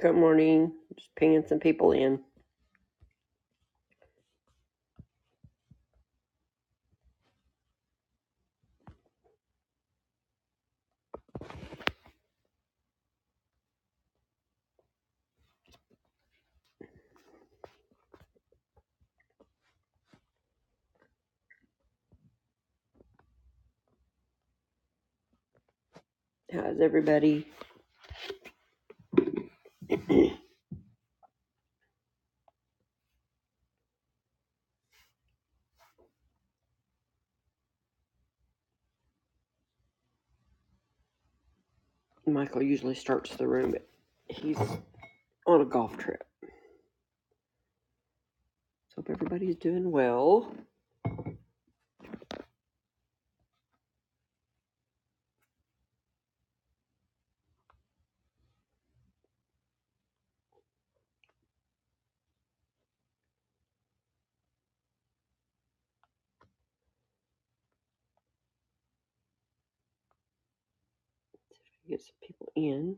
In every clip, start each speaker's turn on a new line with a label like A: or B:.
A: Good morning. Just pinging some people in. How's everybody? Michael usually starts the room, but he's on a golf trip. So hope everybody's doing well. Get some people in.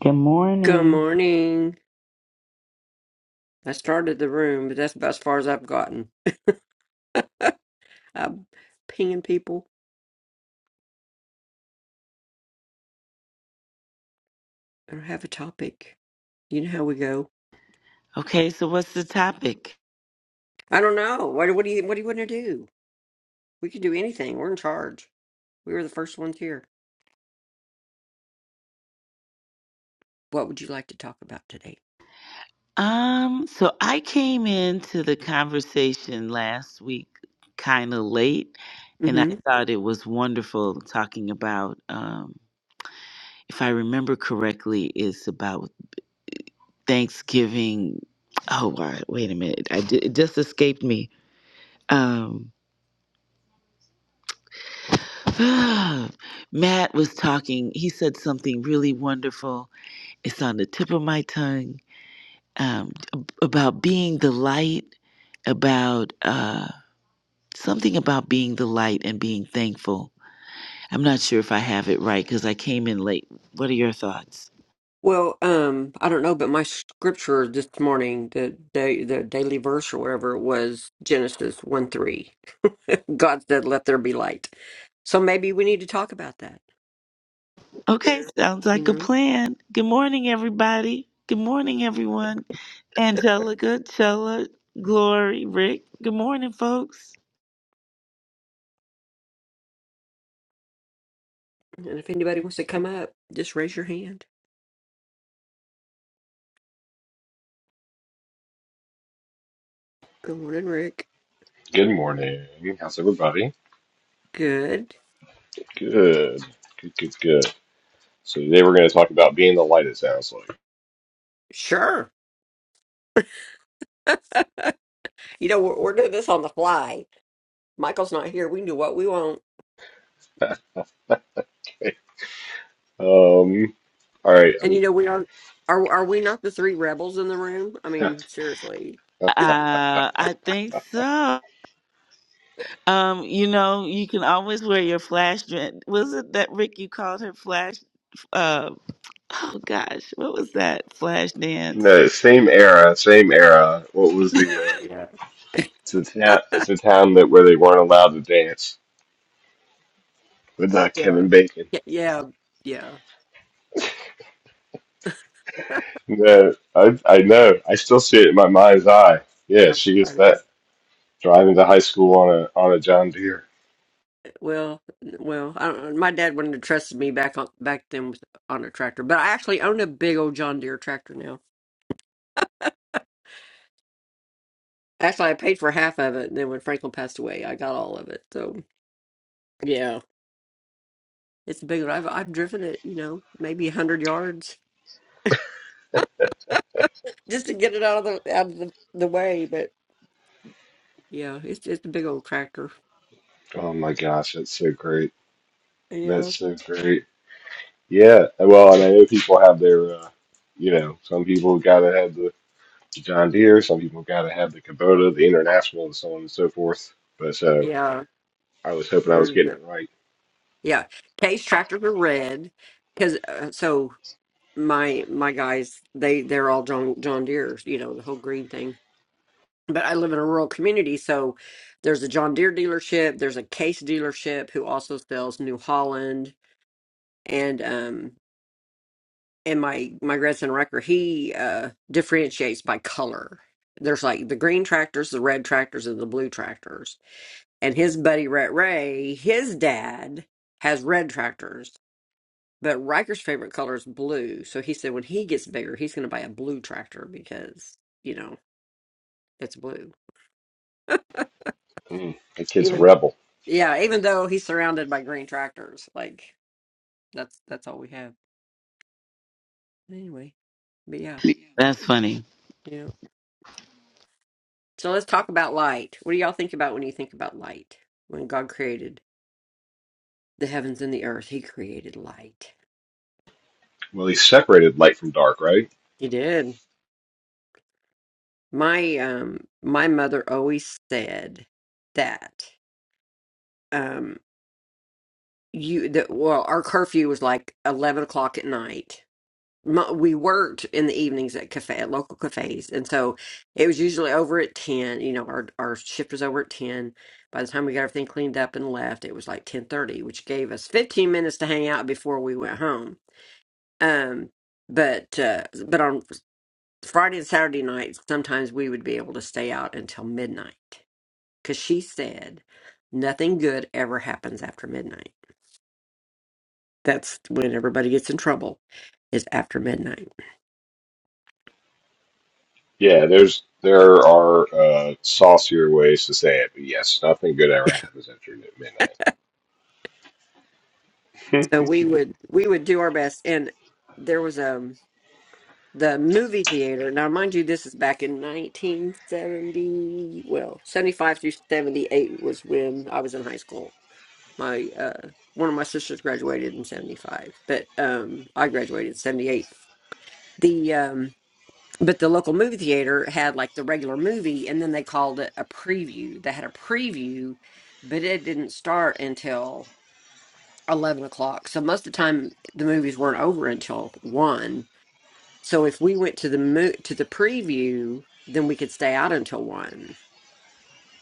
B: Good
A: Good
B: morning.
A: morning. I started the room, but that's about as far as I've gotten. I'm pinging people. I don't have a topic. You know how we go.
B: Okay, so what's the topic?
A: I don't know. What, what do you What do you want to do? We can do anything. We're in charge. We were the first ones here. What would you like to talk about today?
B: Um, so I came into the conversation last week kind of late, and
A: Mm-hmm.
B: I thought it was wonderful talking about, um, if I remember correctly, it's about Thanksgiving. Oh, wa- wait a minute. I ju- it just escaped me. Um, Matt was talking. He said something really wonderful. It's on the tip of my tongue um, ab- about being the light, about uh, something about being the light and being thankful. I'm not sure if I have it right because I came in late. What are your thoughts?
A: Well, um, I don't know, but my scripture this morning, the day, the daily verse or whatever, was Genesis one three. God said, "Let there be light." So maybe we need to talk about that,
B: Okay, sounds
A: you
B: like a
A: know.
B: plan. Good morning, everybody. Good morning, everyone. Angelica, Chella, Glory, Rick. Good morning, folks.
A: And if anybody wants to come up, just raise your hand. Good morning, Rick.
C: Good morning. How's everybody?
A: Good.
C: Good. Good, good, good. So today we're going to talk about being the light, it sounds like.
A: Sure. You know, we're, we're doing this on the fly. Michael's not here. We can do what we want.
C: Um, all right.
A: And
C: I'm,
A: you know, we are. Are are we not the three rebels in the room? I mean, seriously.
B: Uh, I think so. Um, you know, you can always wear your flash. dre- Was it that Rick you called her flash? Uh. Oh gosh, what was that? Flash dance.
C: no, same era, same era. What was the, uh,
A: Yeah.
C: it's the town, it's the town that where they weren't allowed to dance with uh,
A: Yeah.
C: Kevin Bacon.
A: Yeah. Yeah.
C: No, I, I know. I still see it in my mind's eye. Yeah,
A: How
C: she is
A: funny.
C: that driving to high school on a, on a John Deere.
A: Well, well, I don't, my dad wouldn't have trusted me back on back then with, on a tractor, but I actually own a big old John Deere tractor now. Actually, I paid for half of it, and then when Franklin passed away, I got all of it. So yeah, it's a big one. I've I've driven it, you know, maybe a hundred yards just to get it out of the out of the, the way. But yeah, it's it's a big old tractor.
C: Oh my gosh, that's so great.
A: Yeah,
C: That's so great. Yeah, well, and I know people have their, uh, you know, some people gotta have the John Deere, some people gotta have the Kubota, the International, and so on and so forth. But so
A: yeah.
C: I was hoping I was
A: There's
C: getting
A: the,
C: it right.
A: yeah. Case tractors are red because uh, so my my guys they they're all john john deere's you know the whole green thing but i live in a rural community so there's a john deere dealership there's a case dealership who also sells new holland and um and my my grandson Wrecker, he uh differentiates by color there's like the green tractors the red tractors and the blue tractors and his buddy Rhett ray his dad has red tractors But Riker's favorite color is blue, so he said when he gets bigger, he's going to buy a blue tractor because you know it's blue.
C: Mm, that kid's a
A: Even
C: rebel.
A: yeah, even though he's surrounded by green tractors, like that's that's all we have anyway. But yeah,
B: That's funny.
A: yeah. So let's talk about light. What do y'all think about when you think about light? When God created the heavens and the earth, He created light.
C: Well, he separated light from dark, right?
A: He did. My um, my mother always said that. um. you the well our curfew was like 11 o'clock at night My, we worked in the evenings at cafe at local cafes and so it was usually over at 10 you know our our shift was over at 10 by the time we got everything cleaned up and left it was like 10:30 which gave us 15 minutes to hang out before we went home um but uh but on Friday and Saturday nights sometimes we would be able to stay out until midnight cuz she said nothing good ever happens after midnight That's when everybody gets in trouble is after midnight.
C: Yeah, there's there are uh, saucier ways to say it, but yes, nothing good ever happens after midnight. Hmm.
A: So we would we would do our best. And there was a the movie theater. Now, mind you, this is back in 1970. Well, 75 through 78 was when I was in high school. My uh, one of my sisters graduated in 75, but um, I graduated in 78. The um, but the local movie theater had like the regular movie, and then they called it a preview. They had a preview, but it didn't start until 11 o'clock. So most of the time, the movies weren't over until 1. So if we went to the mo- to the preview, then we could stay out until 1.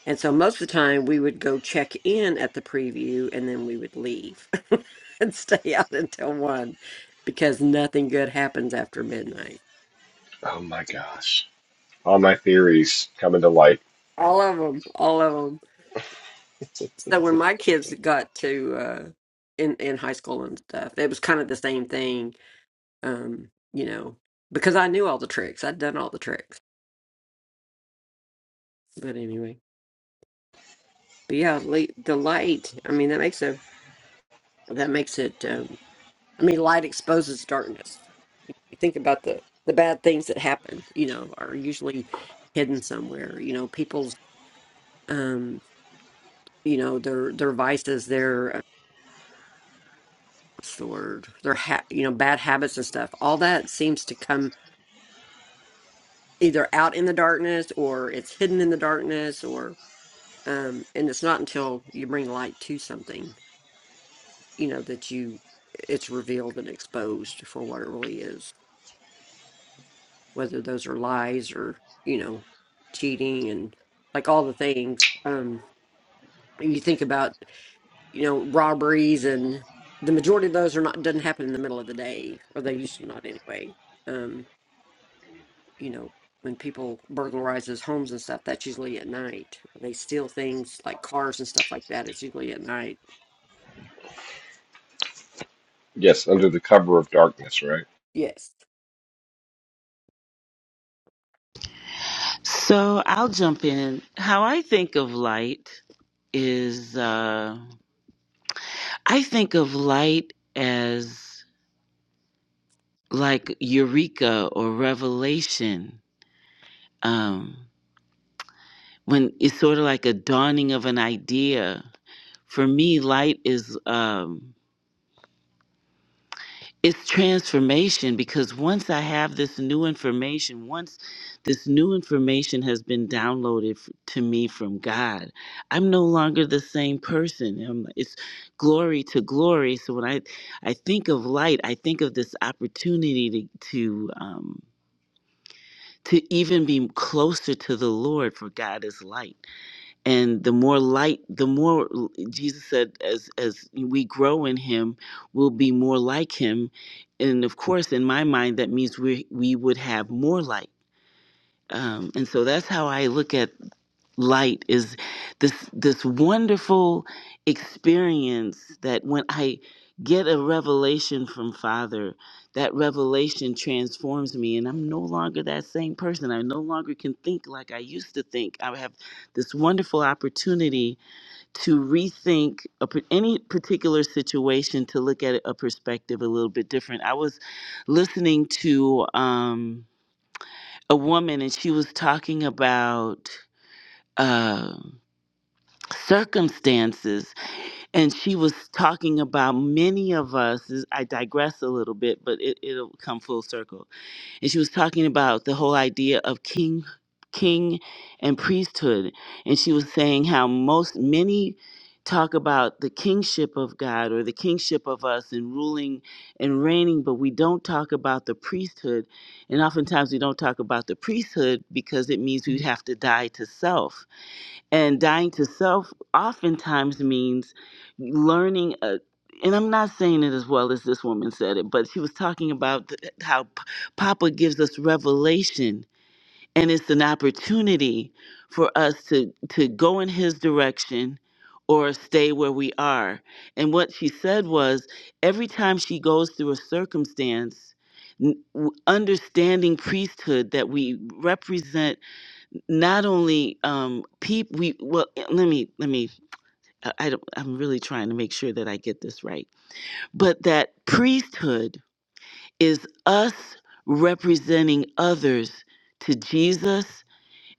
A: And so most of the time, we would go check in at the preview and then we would leave and stay out until 1 because nothing good happens after midnight.
C: oh my gosh, all my theories coming to light.
A: All of them, all of them. So when my kids got to uh, in in high school and stuff, it was kind of the same thing. Um, you know, because I knew all the tricks. I'd done all the tricks. But anyway, but yeah, late, the light. I mean, that makes a that makes it. Um, I mean, light exposes darkness. You think about the the bad things that happen. You know, are usually hidden somewhere. You know, people's um, you know, their their vices, their uh, what's the word, their ha- you know, bad habits and stuff. All that seems to come either out in the darkness or it's hidden in the darkness or um and it's not until you bring light to something you know that you it's revealed and exposed for what it really is whether those are lies or you know cheating and like all the things um and you think about you know robberies and the majority of those are not doesn't happen in the middle of the day or they used to not anyway um you know when people burglarizes homes and stuff that's usually at night they steal things like cars and stuff like that it's usually at night
C: Yes, under the cover of darkness, right?
A: yes
B: So I'll jump in. How I think of light is uh I think of light as like eureka or revelation. Um when it's sort of like a dawning of an idea. For me, light is um it's transformation because once I have this new information, once this new information has been downloaded f- to me from God, I'm no longer the same person. Um, It's glory to glory. So when I, I think of light, I think of this opportunity to, to, um, to even be closer to the Lord, for God is light and the more light the more l- jesus said as as we grow in him we'll be more like him and of course in my mind that means we we would have more light um, and so that's how i look at light is this this wonderful experience that when i get a revelation from father that revelation transforms me and i'm no longer that same person i no longer can think like i used to think i have this wonderful opportunity to rethink a, par- any particular situation to look at a perspective a little bit different. I was listening to um, a woman and she was talking about uh, circumstances and she was talking about many of us, I digress a little bit, but it, it'll come full circle and she was talking about the whole idea of king king and priesthood and she was saying how most many talk about the kingship of God or the kingship of us and ruling and reigning but we don't talk about the priesthood and oftentimes we don't talk about the priesthood because it means we have to die to self and dying to self oftentimes means learning. A, and I'm not saying it as well as this woman said it, but she was talking about th- how P- Papa gives us revelation, and it's an opportunity for us to to go in His direction or stay where we are. And what she said was, every time she goes through a circumstance. n- w- Understanding priesthood that we represent not only um people we well eh, let me let me I, I don't i'm really trying to make sure that i get this right but that priesthood is us representing others to jesus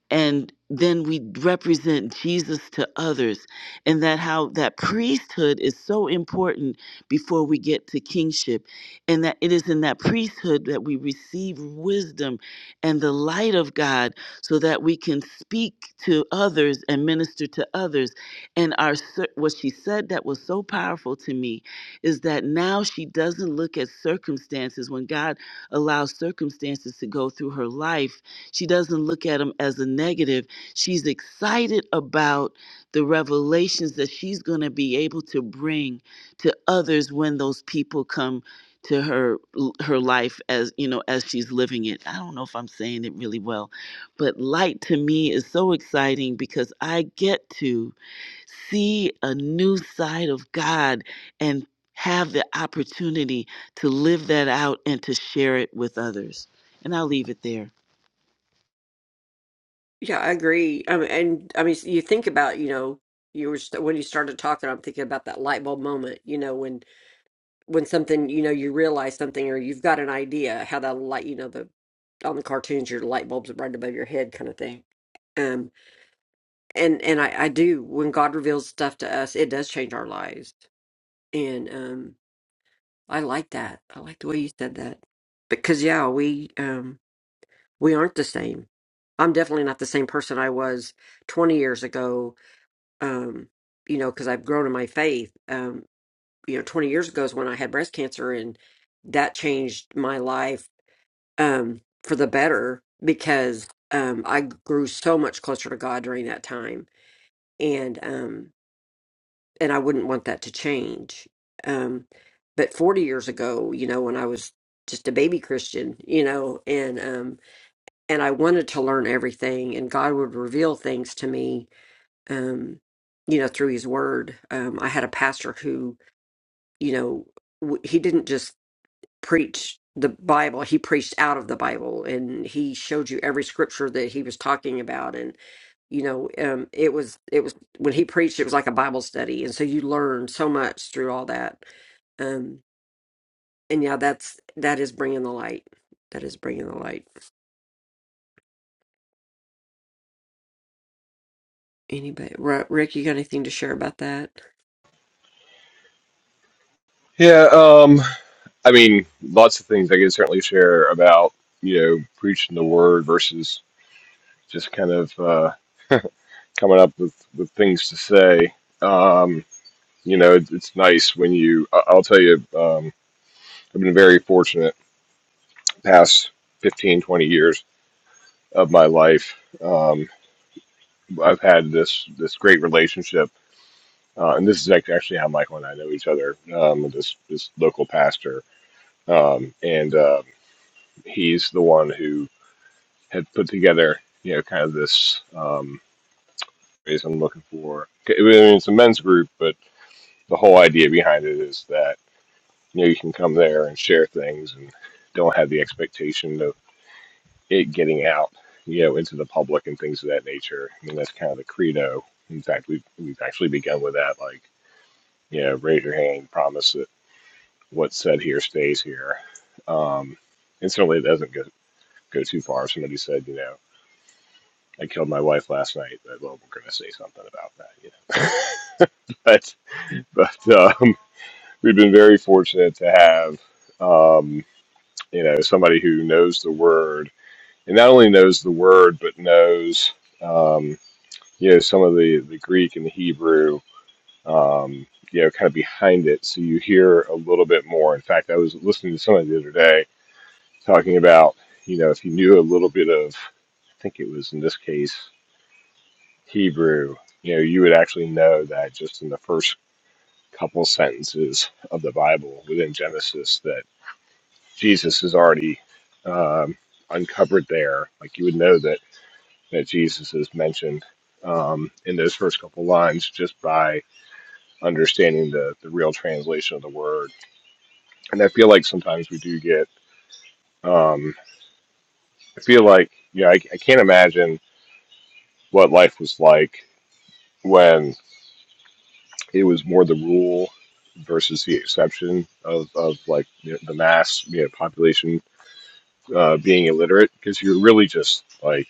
B: and then we represent Jesus to others and that how that priesthood is so important before we get to kingship and that it is in that priesthood that we receive wisdom and the light of God so that we can speak to others and minister to others and our cir- what she said that was so powerful to me is that now she doesn't look at circumstances when God allows circumstances to go through her life she doesn't look at them as a negative. She's excited about the revelations that she's going to be able to bring to others when those people come to her her life as you know as she's living it. I don't know if I'm saying it really well, but light to me is so exciting because I get to see a new side of God and have the opportunity to live that out and to share it with others. And I'll leave it there.
A: Yeah, I agree. Um, and I mean, you think about, you know, you were st when you started talking, I'm thinking about that light bulb moment, you know, when when something, you know, you realize something or you've got an idea how that light, you know, the on the cartoons, your light bulbs are right above your head kind of thing. Um, and and I, I do when God reveals stuff to us, it does change our lives. And um, I like that. I like the way you said that because yeah, we um we aren't the same. I'm definitely not the same person I was 20 years ago um, you know, because I've grown in my faith. Um, you know, 20 years ago is when I had breast cancer, and that changed my life um, for the better because um, I grew so much closer to God during that time, and um, and I wouldn't want that to change. Um, but 40 years ago, you know, when I was just a baby Christian, you know, and um, and I wanted to learn everything, and God would reveal things to me um, you know, through his word. Um, I had a pastor who, you know, w- he didn't just preach the Bible, he preached out of the Bible and he showed you every scripture that he was talking about. And, you know, um, it was, it was, when he preached, it was like a Bible study. And so you learned so much through all that. Um, and yeah, that's, that is bringing the light. That is bringing the light. Anybody, Ri- Rick, you got anything to share about that?
C: Yeah, um, I mean, lots of things I can certainly share about, you know, preaching the word versus just kind of uh, coming up with, with things to say. Um, you know, it, it's nice when you, I- I'll tell you, um, I've been very fortunate the past 15, 20 years of my life. Um, I've had this, this great relationship. Uh, and this is act- actually how Michael and I know each other, um, this, this local pastor. Um, and, um, he's the one who had put together, you know, kind of this um, phrase I'm looking for. Okay, I mean, it's a men's group, but the whole idea behind it is that you know you can come there and share things and don't have the expectation of it getting out, you know, into the public and things of that nature. I mean, that's kind of the credo. In fact, we've we've actually begun with that, like, you know, raise your hand, promise that what's said here stays here. Um, and certainly it doesn't go, go too far. Somebody said, you know. I killed my wife last night. Well, we're going to say something about that, you know. but but um, we've been very fortunate to have um, you know somebody who knows the word, and not only knows the word, but knows um, you know some of the the Greek and the Hebrew. Um, you know, kind of behind it, so you hear a little bit more. In fact, I was listening to somebody the other day talking about, you know, if you knew a little bit of I think it was in this case Hebrew, you know, you would actually know that just in the first couple sentences of the Bible within Genesis that Jesus is already um, uncovered there. Like you would know that that Jesus is mentioned um, in those first couple lines just by understanding the the real translation of the word. And I feel like sometimes we do get. Um, I feel like you know I, I can't imagine what life was like when. It was more the rule versus the exception of, of like you know, the mass you know, population uh, being illiterate because you're really just like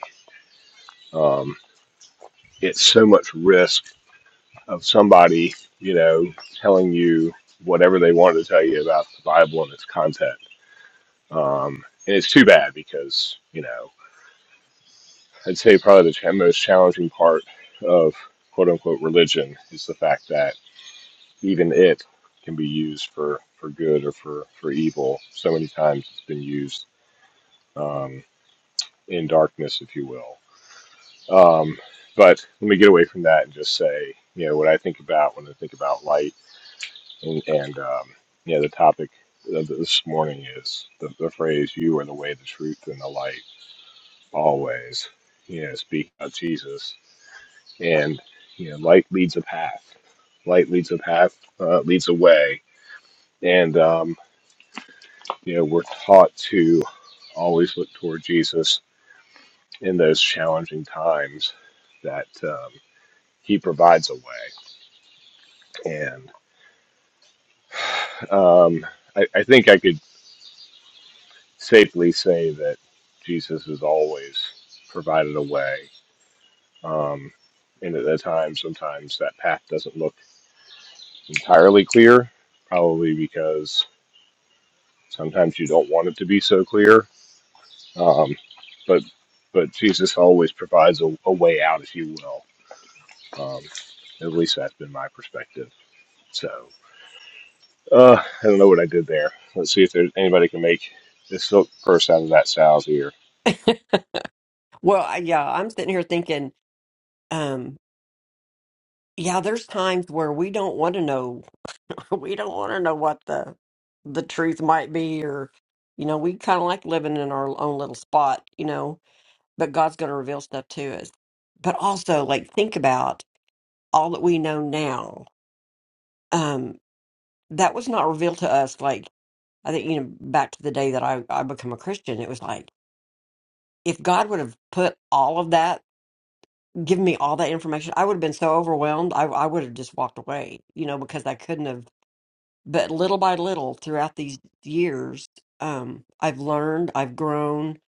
C: um, it's so much risk of somebody you know telling you whatever they wanted to tell you about the Bible and its content. Um, and it's too bad because you know I'd say probably the cha- most challenging part of quote unquote religion is the fact that even it can be used for for good or for for evil. So many times it's been used um, in darkness, if you will. Um, but let me get away from that and just say, you know, what I think about when I think about light, and and um, you know, the topic of this morning is the, the phrase "You are the way, the truth, and the light." Always, you know, speak about Jesus, and you know, light leads a path. Light leads a path, uh, leads a way, and um, You know, we're taught to always look toward Jesus in those challenging times that um, He provides a way. And um, I, I think I could safely say that Jesus has always provided a way. Um, and at the time, sometimes that path doesn't look entirely clear, probably because sometimes you don't want it to be so clear. Um, but but Jesus always provides a, a way out, if you will Um, at least that's been my perspective. So uh, I don't know what I did there. Let's see if there's anybody can make this silk purse out of that sow's ear.
A: Well, I- yeah, I'm sitting here thinking. yeah, there's times where we don't want to know. We don't want to know what the the truth might be, or you know, we kind of like living in our own little spot, you know. But God's going to reveal stuff to us. But also, like, think about all that we know now. Um, that was not revealed to us. Like, I think you know, back to the day that I I become a Christian, it was like if God would have put all of that, given me all that information, I would have been so overwhelmed. I I would have just walked away, you know, because I couldn't have but little by little throughout these years um i've learned i've grown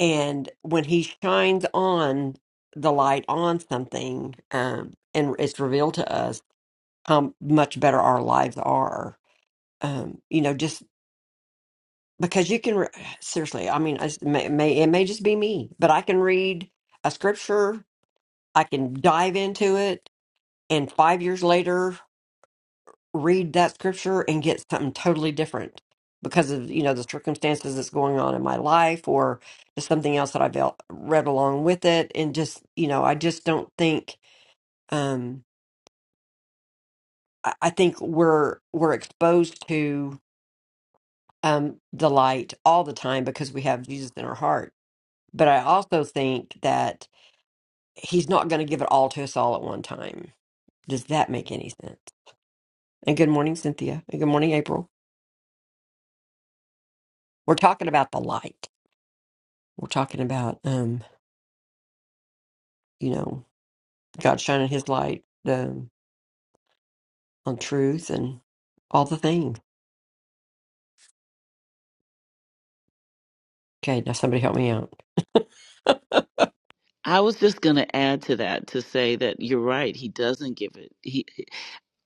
A: and when he shines on the light on something um and it's revealed to us how much better our lives are um you know just because you can re- seriously i mean it's- it may, it may it may just be me but i can read a scripture i can dive into it and 5 years later read that scripture and get something totally different because of you know the circumstances that's going on in my life or just something else that I've el- read along with it and just you know I just don't think um I I think we're we're exposed to um the light all the time because we have Jesus in our heart but I also think that he's not going to give it all to us all at one time does that make any sense and good morning Cynthia and good morning April we're talking about the light we're talking about um you know, God shining his light um, on truth and all the things. Okay, now somebody help me out.
B: I was just going to add to that to say that you're right. He doesn't give it. He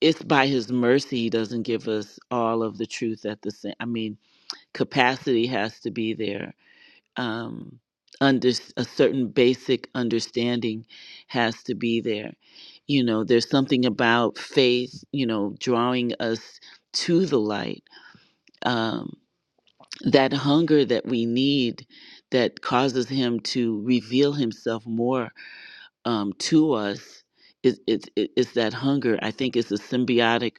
B: it's by his mercy he doesn't give us all of the truth at the same. I mean, capacity has to be there. Um, under a certain basic understanding has to be there. You know, there's something about faith. You know, drawing us to the light. Um, that hunger that we need that causes him to reveal himself more um, to us is it, it, it's that hunger. I think it's a symbiotic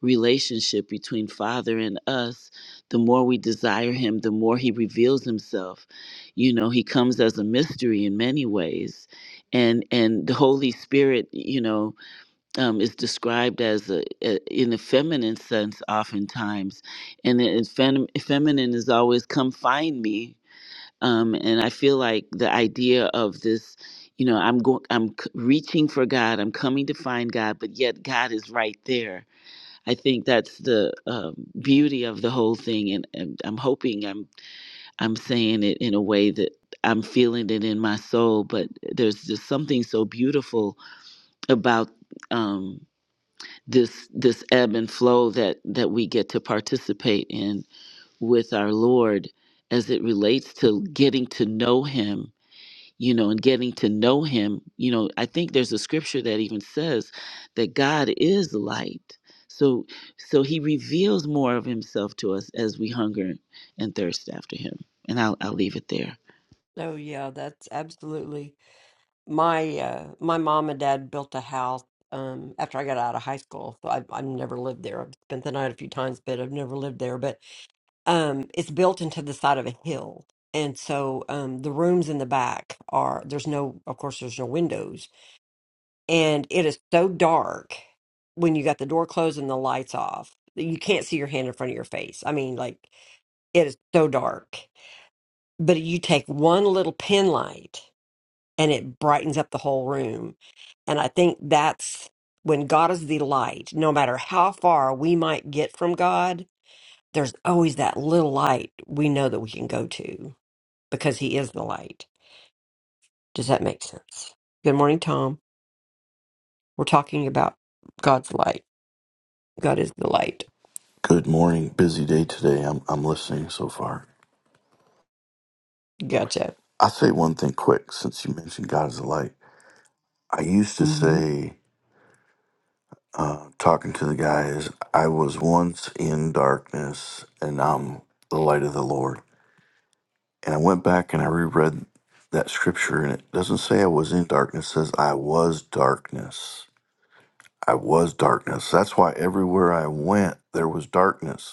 B: relationship between Father and us. The more we desire Him, the more He reveals Himself. You know, He comes as a mystery in many ways, and and the Holy Spirit, you know, um, is described as a, a in a feminine sense oftentimes, and in feminine is always come find me um, and I feel like the idea of this, you know, I'm going, I'm c- reaching for God, I'm coming to find God, but yet God is right there. I think that's the um, beauty of the whole thing, and, and I'm hoping I'm I'm saying it in a way that I'm feeling it in my soul. But there's just something so beautiful about um, this this ebb and flow that that we get to participate in with our Lord as it relates to getting to know Him you know, and getting to know him. You know, I think there's a scripture that even says that God is light. So so he reveals more of himself to us as we hunger and thirst after him. And I'll I'll leave it there.
A: Oh yeah, that's absolutely my uh my mom and dad built a house um after I got out of high school. So I've I've never lived there. I've spent the night a few times, but I've never lived there. But um it's built into the side of a hill. And so um the rooms in the back are there's no of course there's no windows, and it is so dark when you got the door closed and the lights off that you can't see your hand in front of your face. I mean, like it is so dark. But you take one little pin light and it brightens up the whole room. And I think that's when God is the light, no matter how far we might get from God, there's always that little light we know that we can go to because He is the light. Does that make sense? Good morning, Tom. We're talking about God's light. God is the light.
D: Good morning. Busy day today. I'm I'm listening so far.
A: Gotcha.
D: I say one thing quick since you mentioned God is a light. I used to
A: hmm
D: say, uh, talking to the guys, I was once in darkness and I'm the light of the Lord. And I went back and I reread that scripture and it doesn't say I was in darkness, it says I was darkness. I was darkness. That's why everywhere I went there was darkness.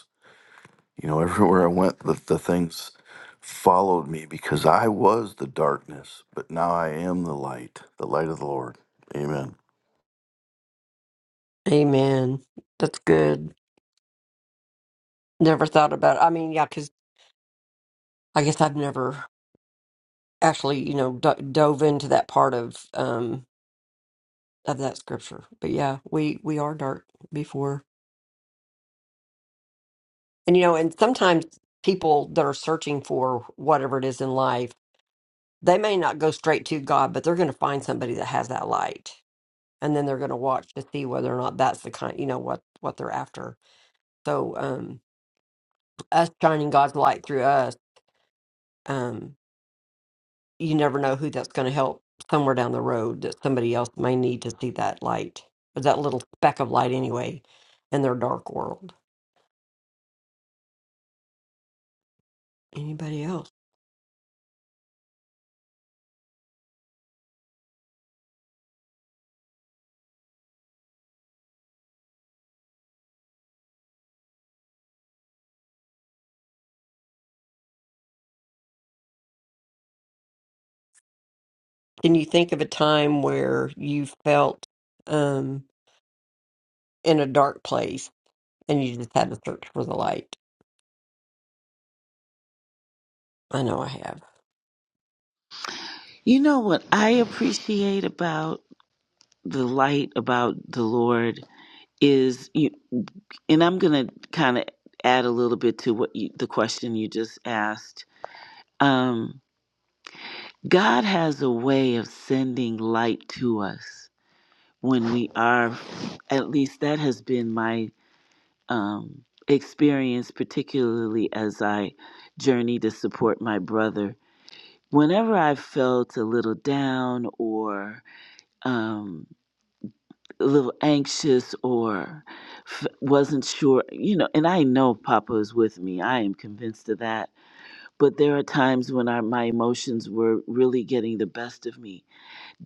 D: You know, everywhere I went, the, the things followed me because I was the darkness, but now I am the light, the light of the Lord. Amen.
A: Amen. That's good. Never thought about it. I mean, yeah, because I guess I've never actually, you know, d- dove into that part of um of that scripture. But yeah, we we are dark before, and you know, and sometimes people that are searching for whatever it is in life, they may not go straight to God, but they're going to find somebody that has that light, and then they're going to watch to see whether or not that's the kind, you know, what what they're after. So, um, us shining God's light through us. Um, you never know who that's going to help somewhere down the road that somebody else may need to see that light or that little speck of light anyway in their dark world anybody else can you think of a time where you felt um in a dark place and you just had to search for the light i know i have
B: You know what I appreciate about the light about the Lord is you and I'm going to kind of add a little bit to what you, the question you just asked. Um God has a way of sending light to us when we are at least that has been my um, experience particularly as i journey to support my brother whenever i felt a little down or um, a little anxious or f- wasn't sure you know and i know papa is with me i am convinced of that but there are times when I, my emotions were really getting the best of me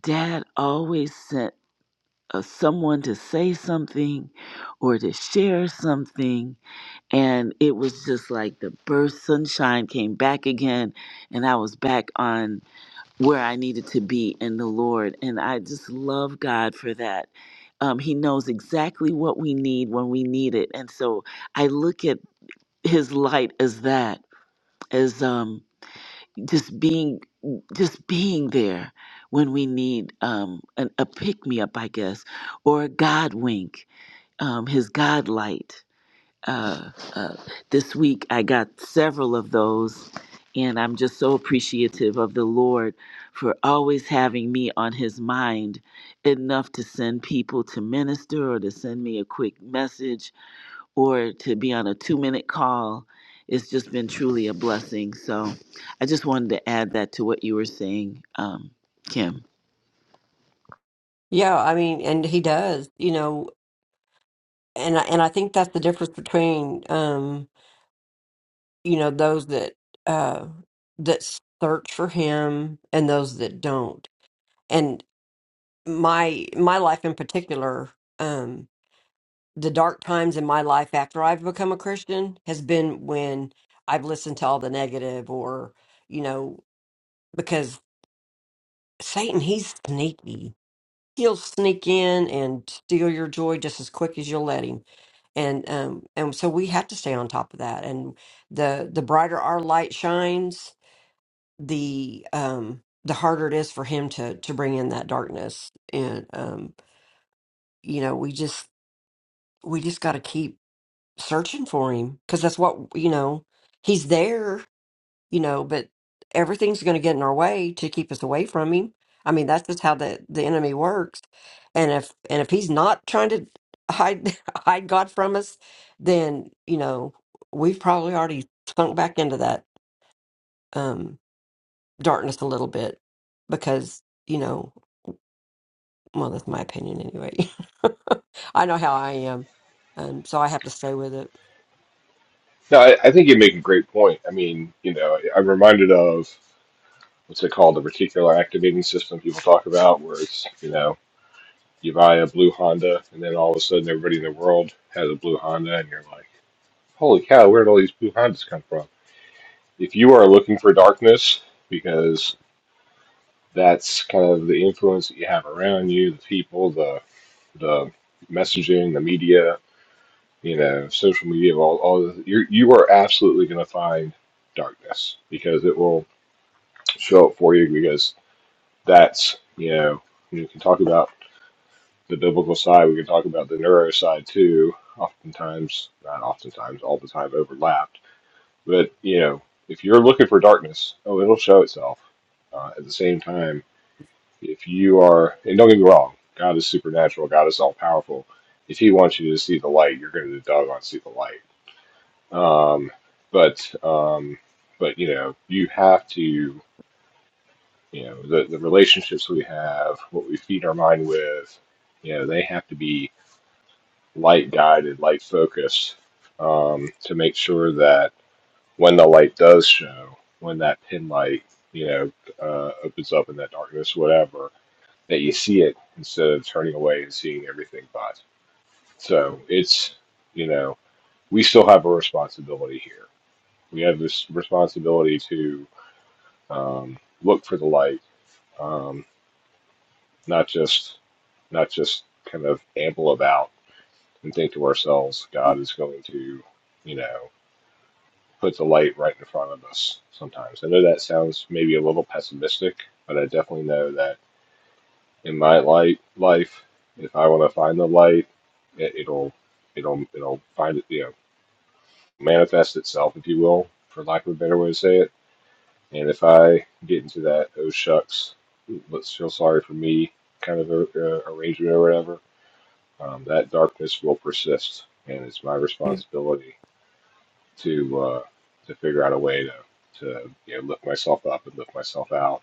B: dad always sent uh, someone to say something or to share something. And it was just like the burst sunshine came back again, and I was back on where I needed to be in the Lord. And I just love God for that. Um, he knows exactly what we need when we need it. And so I look at his light as that, as um, just being just being there when we need um, an, a pick me up, I guess, or a God wink um, his God light. Uh, uh, this week, I got several of those, and I'm just so appreciative of the Lord for always having me on His mind enough to send people to minister or to send me a quick message or to be on a two minute call. It's just been truly a blessing. So I just wanted to add that to what you were saying, um, Kim.
A: yeah i mean and he does you know and I, and i think that's the difference between um you know those that uh that search for him and those that don't my my life in particular, um, the dark times in my life after I've become a Christian has been when I've listened to all the negative or, you know, because Satan, he's sneaky. He'll sneak in and steal your joy just as quick as you'll let him. And um and so we have to stay on top of that. And the the brighter our light shines, the um the harder it is for him to to bring in that darkness. And um you know, we just we just got to keep searching for him because that's what you know he's there you know but everything's going to get in our way to keep us away from him i mean that's just how the the enemy works and if and if he's not trying to hide hide god from us then you know we've probably already sunk back into that um darkness a little bit because you know well that's my opinion anyway I know how I am, um, so I have to stay with it.
C: No, I, I think you make a great point. I mean, you know, I'm reminded of what's it called, the reticular activating system people talk about, where it's you know you buy a blue Honda and then all of a sudden everybody in the world has a blue Honda and you're like, holy cow, where did all these blue Hondas come from? If you are looking for darkness because that's kind of the influence that you have around you, the people, the the messaging, the media, you know, social media, all all the, you're, you are absolutely going to find darkness because it will show up for you because that's you know you can talk about the biblical side, we can talk about the neuro side too. Oftentimes, not oftentimes, all the time overlapped. But you know, if you're looking for darkness, oh, it'll show itself. Uh, at the same time If you are, and don't get me wrong, God is supernatural, God is all powerful. If He wants you to see the light, you're going to doggone see the light. Um, but, um, but you know, you have to, you know, the, the relationships we have, what we feed our mind with, you know, they have to be light guided, light focused um, to make sure that when the light does show, when that pin light, you know, uh, opens up in that darkness, whatever, that you see it instead of turning away and seeing everything but. So it's, you know, we still have a responsibility here. We have this responsibility to um, look for the light, um, not just not just kind of amble about and think to ourselves, God is going to, you know, put the light right in front of us sometimes. I know that sounds maybe a little pessimistic, but I definitely know that. in my light life, if I want to find the light, it, it'll it'll it'll find it, you know, manifest itself, if you will, for lack of a better way to say it. And if I get into that oh shucks, let's feel sorry for me kind of a, uh arrangement or whatever, um, that darkness will persist, and it's my responsibility to uh, to figure out a way to to you know lift myself up and lift myself out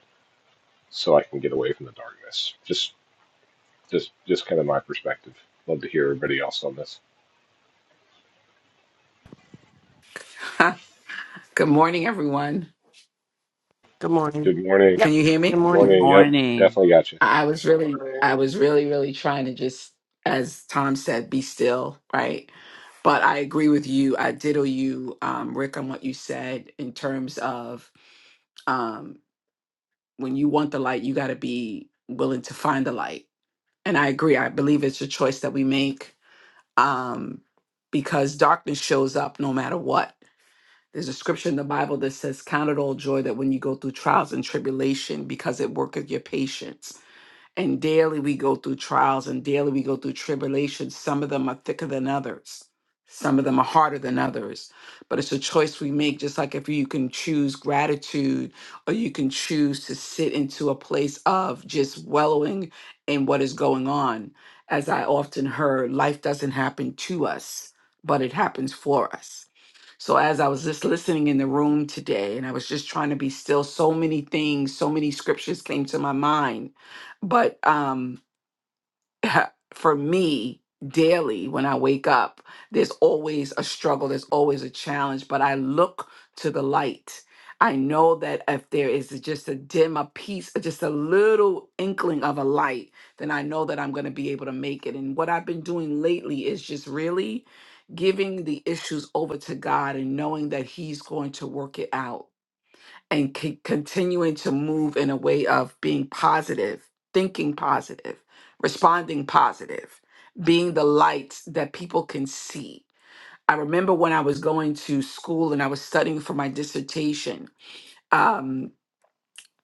C: so I can get away from the darkness. Just Just just kind of my perspective. Love to hear everybody else on this.
E: Huh. Good morning, everyone.
A: Good morning.
C: Good morning.
E: Can
A: Yep.
E: you hear
A: Good
E: me?
C: Good
A: morning.
C: morning. Yep,
B: Morning.
C: definitely got you.
E: I I was really,
F: Morning.
E: I was really, really trying to just, as Tom said, be still, right? But I agree with you. I diddle you, um, Rick, on what you said in terms of um, when you want the light, you got to be willing to find the light. And I agree. I believe it's a choice that we make um, because darkness shows up no matter what There's a scripture in the Bible that says, Count it all joy that when you go through trials and tribulation, because it worketh your patience. And daily we go through trials and daily we go through tribulations. Some of them are thicker than others, some of them are harder than others. But it's a choice we make, just like if you can choose gratitude or you can choose to sit into a place of just wallowing in what is going on. As I often heard, life doesn't happen to us, but it happens for us so as I was just listening in the room today and I was just trying to be still, so many things, so many scriptures came to my mind. But um for me daily when I wake up, there's always a struggle, there's always a challenge, but I look to the light. I know that if there is just a dim, a piece, just a little inkling of a light, then I know that I'm going to be able to make it. And what I've been doing lately is just really giving the issues over to God and knowing that He's going to work it out and c- continuing to move in a way of being positive, thinking positive, responding positive, being the light that people can see. I remember when I was going to school and I was studying for my dissertation, um,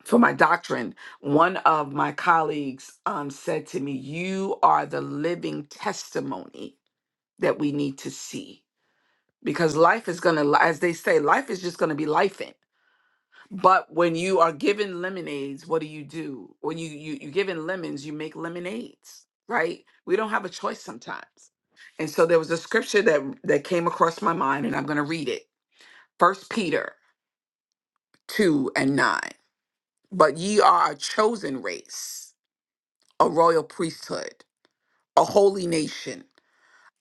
E: for my doctrine, one of my colleagues um, said to me, You are the living testimony that we need to see. Because life is going to, as they say, life is just going to be life But when you are given lemonades, what do you do? When you you you given lemons, you make lemonades, right? We don't have a choice sometimes. And so there was a scripture that that came across my mind, and I'm going to read it. First Peter two and nine. But ye are a chosen race, a royal priesthood, a holy nation,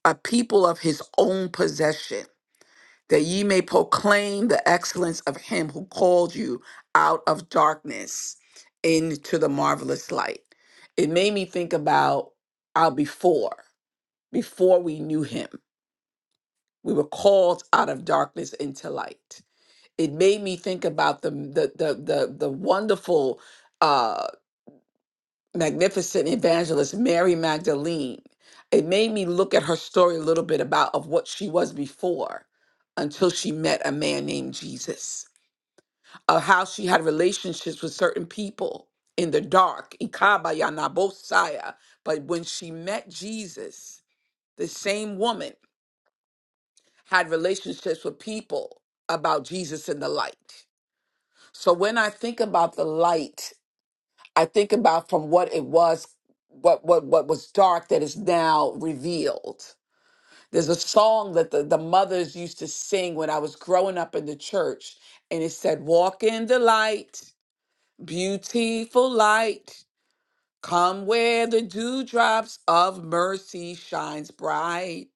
E: a people of His own possession that ye may proclaim the excellence of him who called you out of darkness into the marvelous light. It made me think about our before, before we knew him. We were called out of darkness into light. It made me think about the the the the, the wonderful uh magnificent evangelist Mary Magdalene. It made me look at her story a little bit about of what she was before until she met a man named Jesus of how she had relationships with certain people in the dark, Ikabayanabosaya. But when she met Jesus, the same woman had relationships with people about Jesus in the light. So when I think about the light, I think about from what it was, what what what was dark that is now revealed. There's a song that the, the mothers used to sing when I was growing up in the church, and it said, Walk in the light. Beautiful light, come where the dewdrops of mercy shines bright.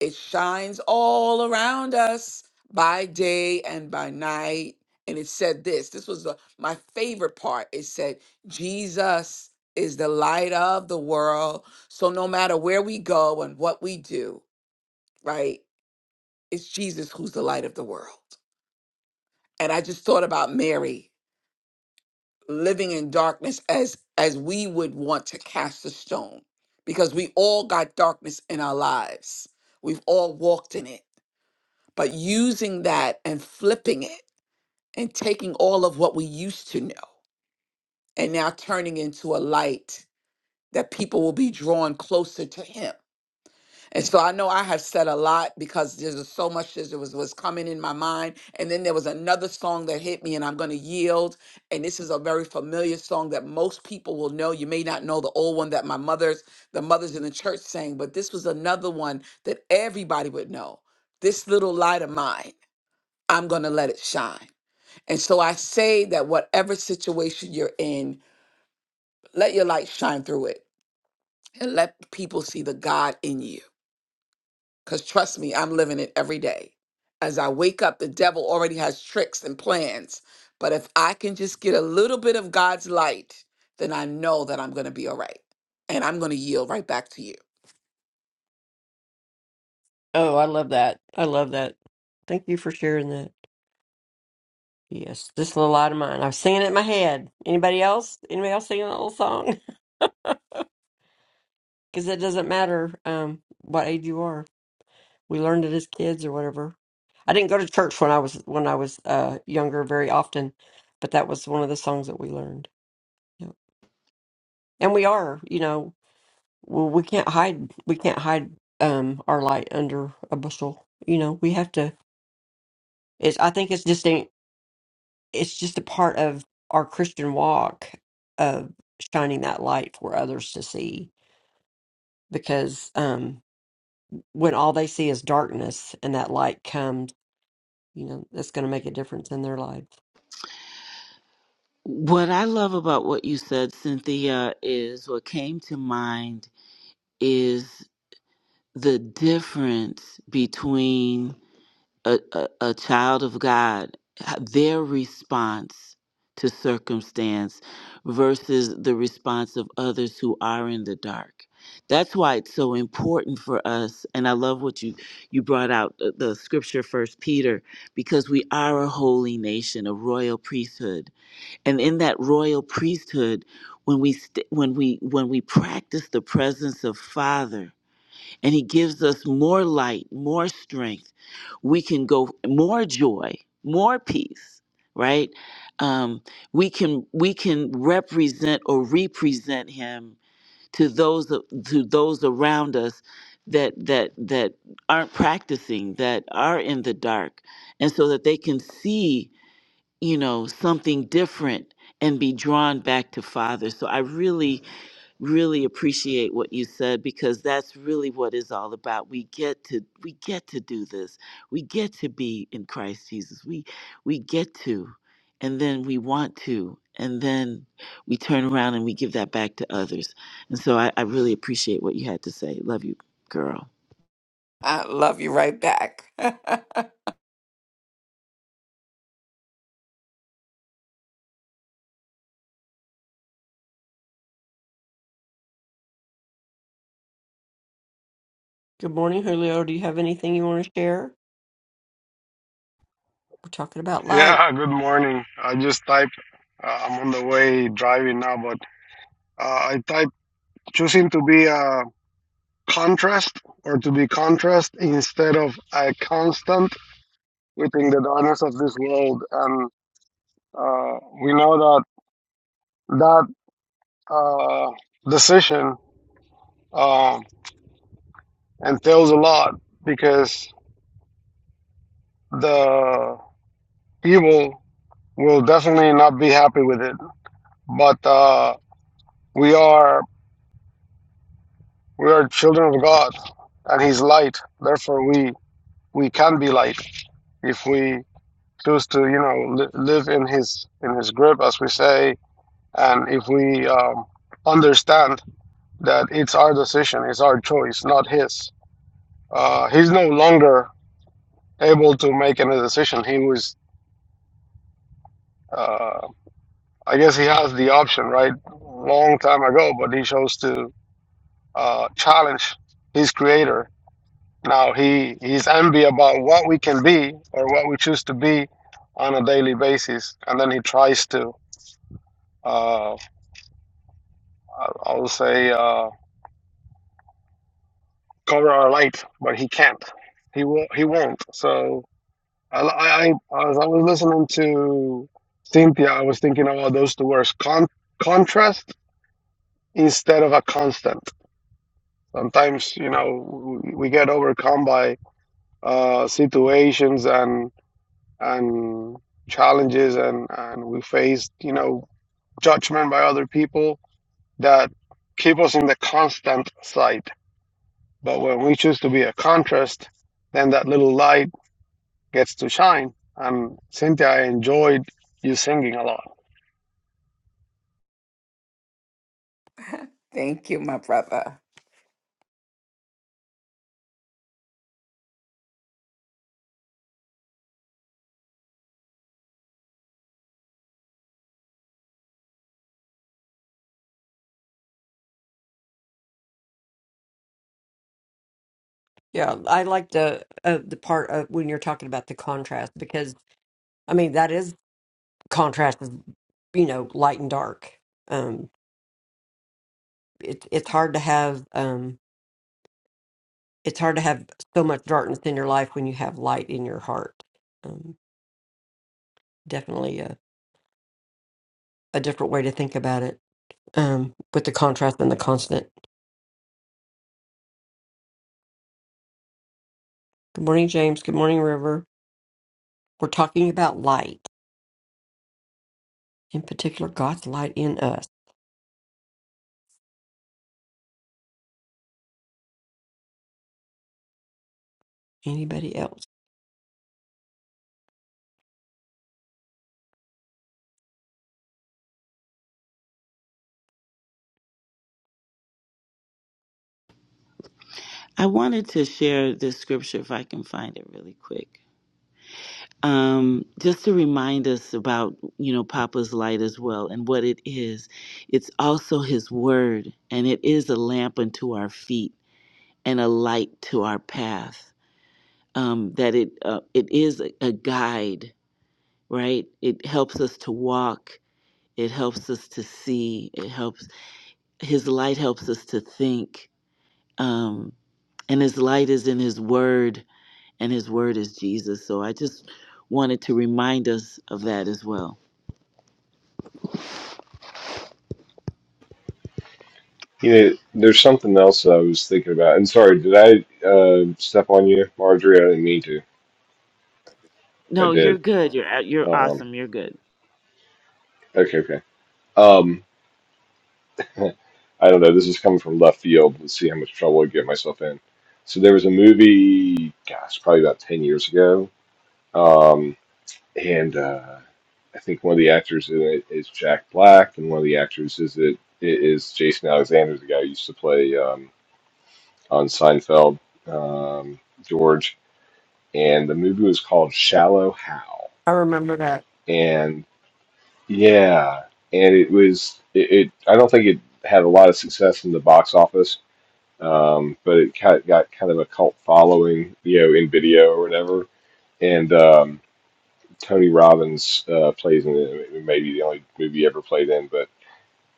E: It shines all around us by day and by night. And it said this. This was the, my favorite part. It said, Jesus is the light of the world. So no matter where we go and what we do, right? It's Jesus who's the light of the world. And I just thought about Mary living in darkness as as we would want to cast a stone because we all got darkness in our lives we've all walked in it but using that and flipping it and taking all of what we used to know and now turning into a light that people will be drawn closer to him And so I know I have said a lot because there's just so much that was, was coming in my mind. And then there was another song that hit me, and I'm going to yield. And this is a very familiar song that most people will know. You may not know the old one that my mother's, the mothers in the church sang, but this was another one that everybody would know. This little light of mine, I'm going to let it shine. And so I say that whatever situation you're in, let your light shine through it and let people see the God in you. Because trust me, I'm living it every day. As I wake up, the devil already has tricks and plans. But if I can just get a little bit of God's light, then I know that I'm going to be all right. And I'm going to yield right back to you.
A: Oh, I love that. I love that. Thank you for sharing that. Yes, this little light of mine. I was singing it in my head. Anybody else? Anybody else singing that little song? Because it doesn't matter um, what age you are. we learned it as kids or whatever. I didn't go to church when I was when I was uh, younger very often, but that was one of the songs that we learned. Yeah. And we are, you know, well, we can't hide we can't hide um, our light under a bushel. You know, we have to. It's I think it's just a, it's just a part of our Christian walk of shining that light for others to see because um, when all they see is darkness and that light comes, you know, that's going to make a difference in their lives.
B: What I love about what you said, Cynthia, is what came to mind is the difference between a, a, a child of God, their response to circumstance versus the response of others who are in the dark. That's why it's so important for us. And I love what you, you brought out the, the scripture, First Peter, because we are a holy nation, a royal priesthood and in that royal priesthood when we st- when we when we practice the presence of father and he gives us more light more strength we can go more joy more peace right um, we can we can represent or represent him to those to those around us that that that aren't practicing that are in the dark and so that they can see you know, something different and be drawn back to Father. So I really, really appreciate what you said because that's really what it's all about. We get to we get to do this. We get to be in Christ Jesus. We we get to and then we want to. And then we turn around and we give that back to others. And so I, I really appreciate what you had to say. Love you, girl.
E: I love you right back.
A: Good morning, Julio. Do you have anything you want to share? We're talking about light.
F: Yeah, good morning. I just typed, uh, I'm on the way driving now, but uh, I typed choosing to be a contrast or to be contrast instead of a constant within the darkness of this world. And uh, we know that that uh, decision uh, entails a lot because the evil will definitely not be happy with it. But uh, we are We are children of God, and He's light. Therefore, we we can be light if we choose to, you know, li- live in His in His grip, as we say, and if we um, understand that it's our decision, it's our choice, not His. Uh, he's no longer able to make any decision. He was, uh, I guess, he has the option, right, long time ago, but he chose to uh, challenge his Creator Now he he's envy about what we can be or what we choose to be on a daily basis, and then he tries to uh, I I would say uh, cover our light, but he can't. He will He won't. So I, I, I as I was listening to Cynthia, I was thinking about those two words: con- contrast instead of a constant. Sometimes you know we, we get overcome by uh, situations and and challenges and, and we faced, you know, judgment by other people that keep us in the constant side. But when we choose to be a contrast, then that little light gets to shine. And Cynthia, I enjoyed you singing a lot.
E: Thank you, my brother.
A: Yeah, I like the uh, the part of when you're talking about the contrast because I mean that is contrast is you know light and dark. Um, it's it's hard to have um it's hard to have so much darkness in your life when you have light in your heart. Um, definitely a a different way to think about it. Um, with the contrast and the constant. Good morning, James. Good morning, River. We're talking about light, in particular, God's light in us. anybody else.
B: I wanted to share this scripture if I can find it really quick. um, just to remind us about you know papa's light as well and what it is it's also his word and it is a lamp unto our feet and a light to our path um, that it uh, it is a, a guide right it helps us to walk it helps us to see it helps his light helps us to think um, and his light is in his word and his word is jesus so i just wanted to remind us of that as well
C: You know, there's something else that I was thinking about. And sorry, did I uh, step on you, Marjorie? I didn't mean to. I
B: No, you're
C: did.
B: good. You're you're
C: Um,
B: awesome. You're good.
C: okay, okay. Um, I don't know. This is coming from left field. Let's see how much trouble I get myself in. So there was a movie, gosh, probably about ten years ago. Um, and uh, I think one of the actors in it is Jack Black, and one of the actors is it it is Jason Alexander, the guy who used to play um, on Seinfeld, um, George. And the movie was called Shallow Hal,
A: I remember that.
C: and yeah, and it was it, it. I don't think it had a lot of success in the box office, um, but it got, got kind of a cult following, you know, in video or whatever. And um, Tony Robbins uh, plays in it. It may be the only movie he ever played in, but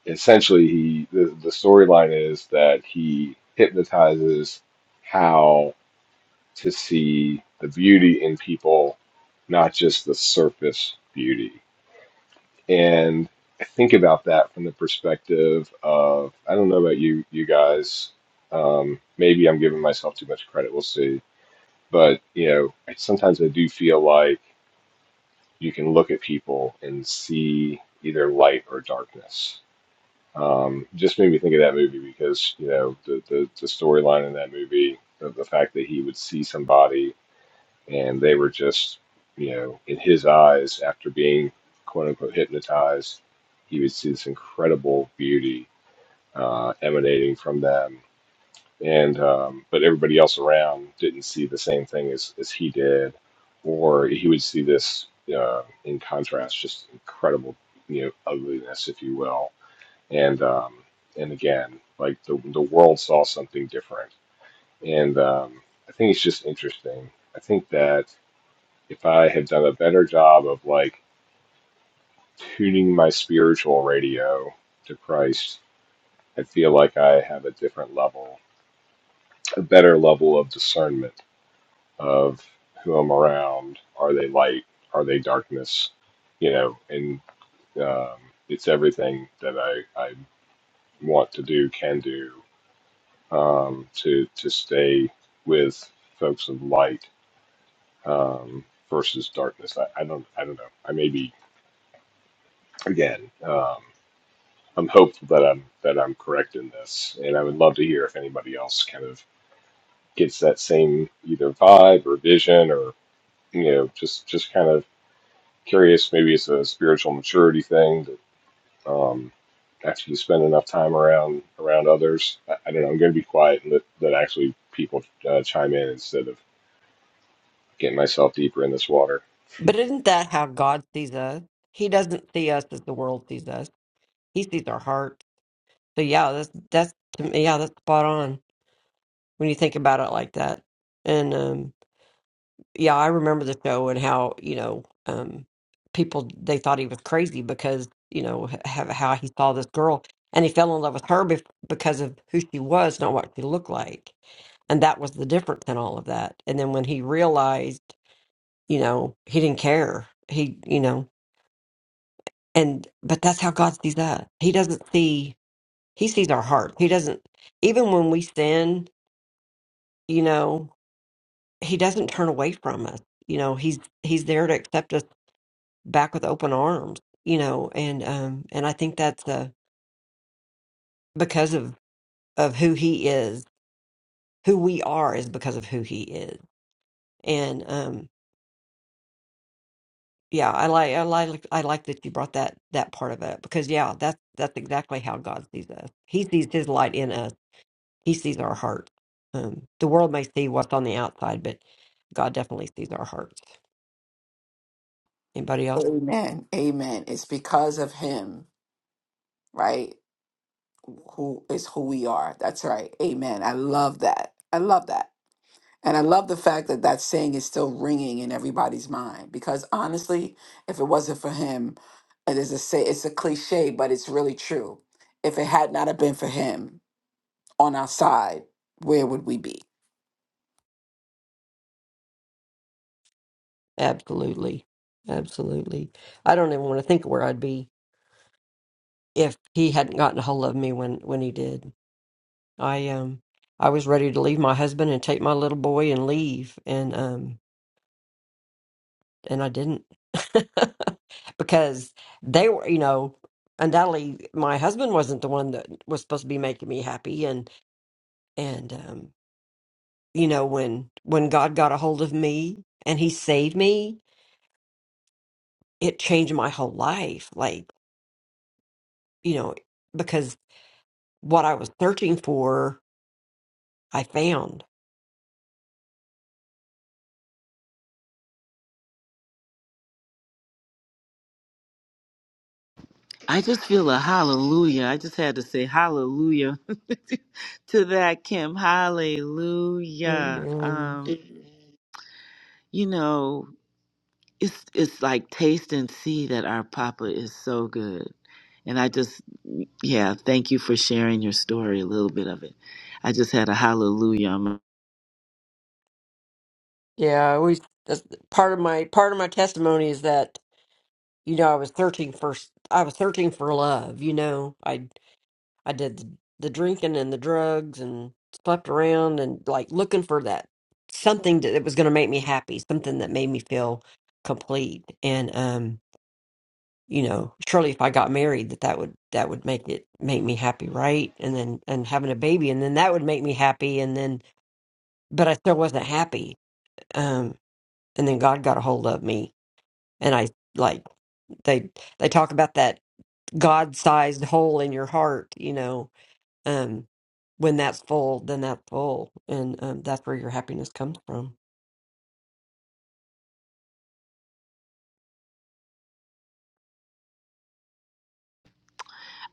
C: essentially, he the, the storyline is that he hypnotizes how to see the beauty in people, not just the surface beauty. And I think about that from the perspective of I don't know about you, you guys. Um, maybe I'm giving myself too much credit. We'll see. But you know, sometimes I do feel like you can look at people and see either light or darkness. Um, just made me think of that movie because you know the the, the storyline in that movie, the, the fact that he would see somebody and they were just you know in his eyes after being quote unquote hypnotized, he would see this incredible beauty uh, emanating from them, and um, but everybody else around didn't see the same thing as, as he did, or he would see this uh, in contrast, just incredible, you know, ugliness, if you will, and um, and again, like the the world saw something different, and um, I think it's just interesting. I think that if I had done a better job of like tuning my spiritual radio to Christ, I feel like I have a different level, a better level of discernment of who I'm around. Are they light? Are they darkness? You know, and um, it's everything that I, I want to do, can do um, to to stay with folks of light um, versus darkness. I, I don't I don't know. I may be again. Um, I'm hopeful that I'm that I'm correct in this, and I would love to hear if anybody else kind of gets that same either vibe or vision or you know just just kind of Curious, maybe it's a spiritual maturity thing that um, after you spend enough time around around others, I, I don't know. I'm going to be quiet and let, let actually people uh, chime in instead of getting myself deeper in this water.
A: But isn't that how God sees us? He doesn't see us as the world sees us. He sees our heart. So yeah, that's that's to me, yeah, that's spot on when you think about it like that. And um yeah, I remember the show and how, you know, um people they thought he was crazy because, you know, h- how, how he saw this girl and he fell in love with her bef- because of who she was, not what she looked like. And that was the difference in all of that. And then when he realized you know he didn't care he you know and but that's how god sees us he doesn't see he sees our heart he doesn't even when we sin you know he doesn't turn away from us you know he's he's there to accept us back with open arms you know and um and i think that's uh because of of who he is who we are is because of who he is and um yeah, I like I like I like that you brought that that part of it up because yeah, that's that's exactly how God sees us. He sees His light in us. He sees our heart. Um, the world may see what's on the outside, but God definitely sees our hearts. Anybody else?
E: Amen. Amen. It's because of him, right? Who is who we are. That's right. Amen. I love that. I love that. And I love the fact that that saying is still ringing in everybody's mind because honestly, if it wasn't for him, it is a say it's a cliche, but it's really true. If it had not have been for him on our side, where would we be?
A: Absolutely, absolutely. I don't even want to think of where I'd be if He hadn't gotten a hold of me when when He did. I um I was ready to leave my husband and take my little boy and leave, and um and I didn't because they were, you know, undoubtedly my husband wasn't the one that was supposed to be making me happy, and and um, you know when when God got a hold of me and He saved me, it changed my whole life. Like you know, because what I was searching for, I found.
B: I just feel a hallelujah. I just had to say hallelujah to that, Kim. Hallelujah.
A: And
B: Um, Mhm. you know, it's it's like taste and see that our Papa is so good. And I just, yeah, thank you for sharing your story, a little bit of it. I just had a hallelujah.
A: yeah, I always that's part of my part of my testimony is that you know I was searching for I was searching for love. You know, I I did the, the drinking and the drugs and slept around and like looking for that something that, that was going to make me happy, something that made me feel complete. And um, you know, surely if I got married, that that would that would make it make me happy, right? And then and having a baby, and then that would make me happy. And then, but I still wasn't happy. Um, and then God got a hold of me, and I like they they talk about that God-sized hole in your heart, you know Um, when that's full, then that's full, and um, that's where your happiness comes from.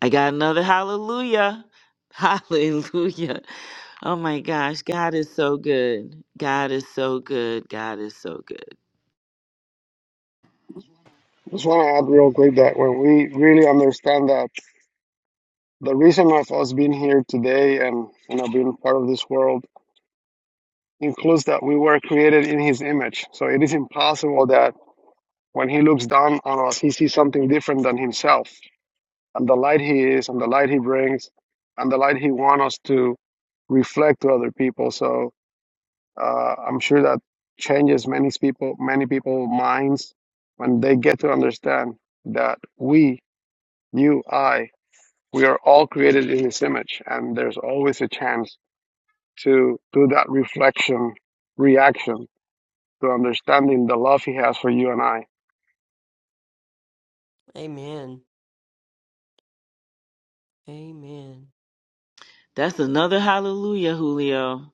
B: I got another hallelujah. Hallelujah. Oh my gosh, God is so good. God is so good. God is so good.
F: Just want to add real quick that when we really understand that the reason of us being here today and you know being part of this world includes that we were created in His image. So it is impossible that When he looks down on us, he sees something different than himself. And the light he is, and the light he brings, and the light he wants us to reflect to other people. So uh, I'm sure that changes many people, many people minds when they get to understand that we, you, I, we are all created in His image, and there's always a chance to do that reflection, reaction to understanding the love He has for you and I.
A: Amen. Amen.
B: That's another hallelujah, Julio.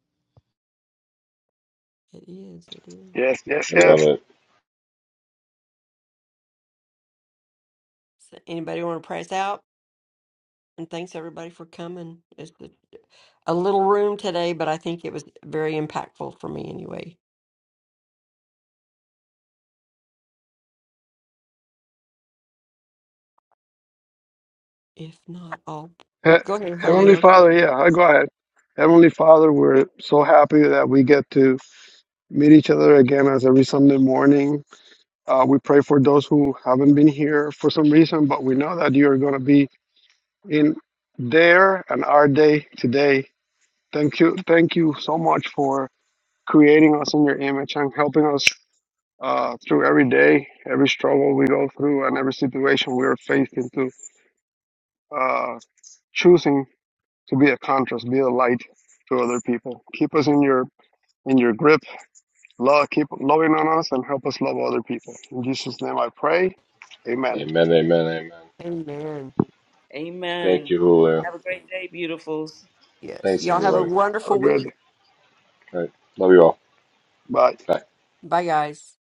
A: It is. It is.
F: Yes, yes,
C: I love
F: yes.
C: it.
A: So anybody want to pray us out? And thanks everybody for coming. It's a, a little room today, but I think it was very impactful for me anyway. If not, all,
F: He-
A: go ahead,
F: Heavenly
A: Julio.
F: Father, yeah, I go ahead. Heavenly Father, we're so happy that we get to meet each other again as every Sunday morning. Uh, we pray for those who haven't been here for some reason, but we know that you're going to be in there and our day today. Thank you. Thank you so much for creating us in your image and helping us uh, through every day, every struggle we go through, and every situation we are faced into uh, choosing. to be a contrast, be a light to other people. Keep us in your in your grip. Love, keep loving on us, and help us love other people. In Jesus' name, I pray. Amen.
C: Amen. Amen. Amen.
A: Amen.
C: Thank
B: Amen.
C: you, Julio.
B: Have a great day, beautifuls.
A: Yes.
C: Thanks,
A: Y'all have a
C: everybody.
F: Have a
A: wonderful
F: good
A: week.
F: day.
C: All right. Love you all.
F: Bye.
C: Bye.
A: Bye, guys.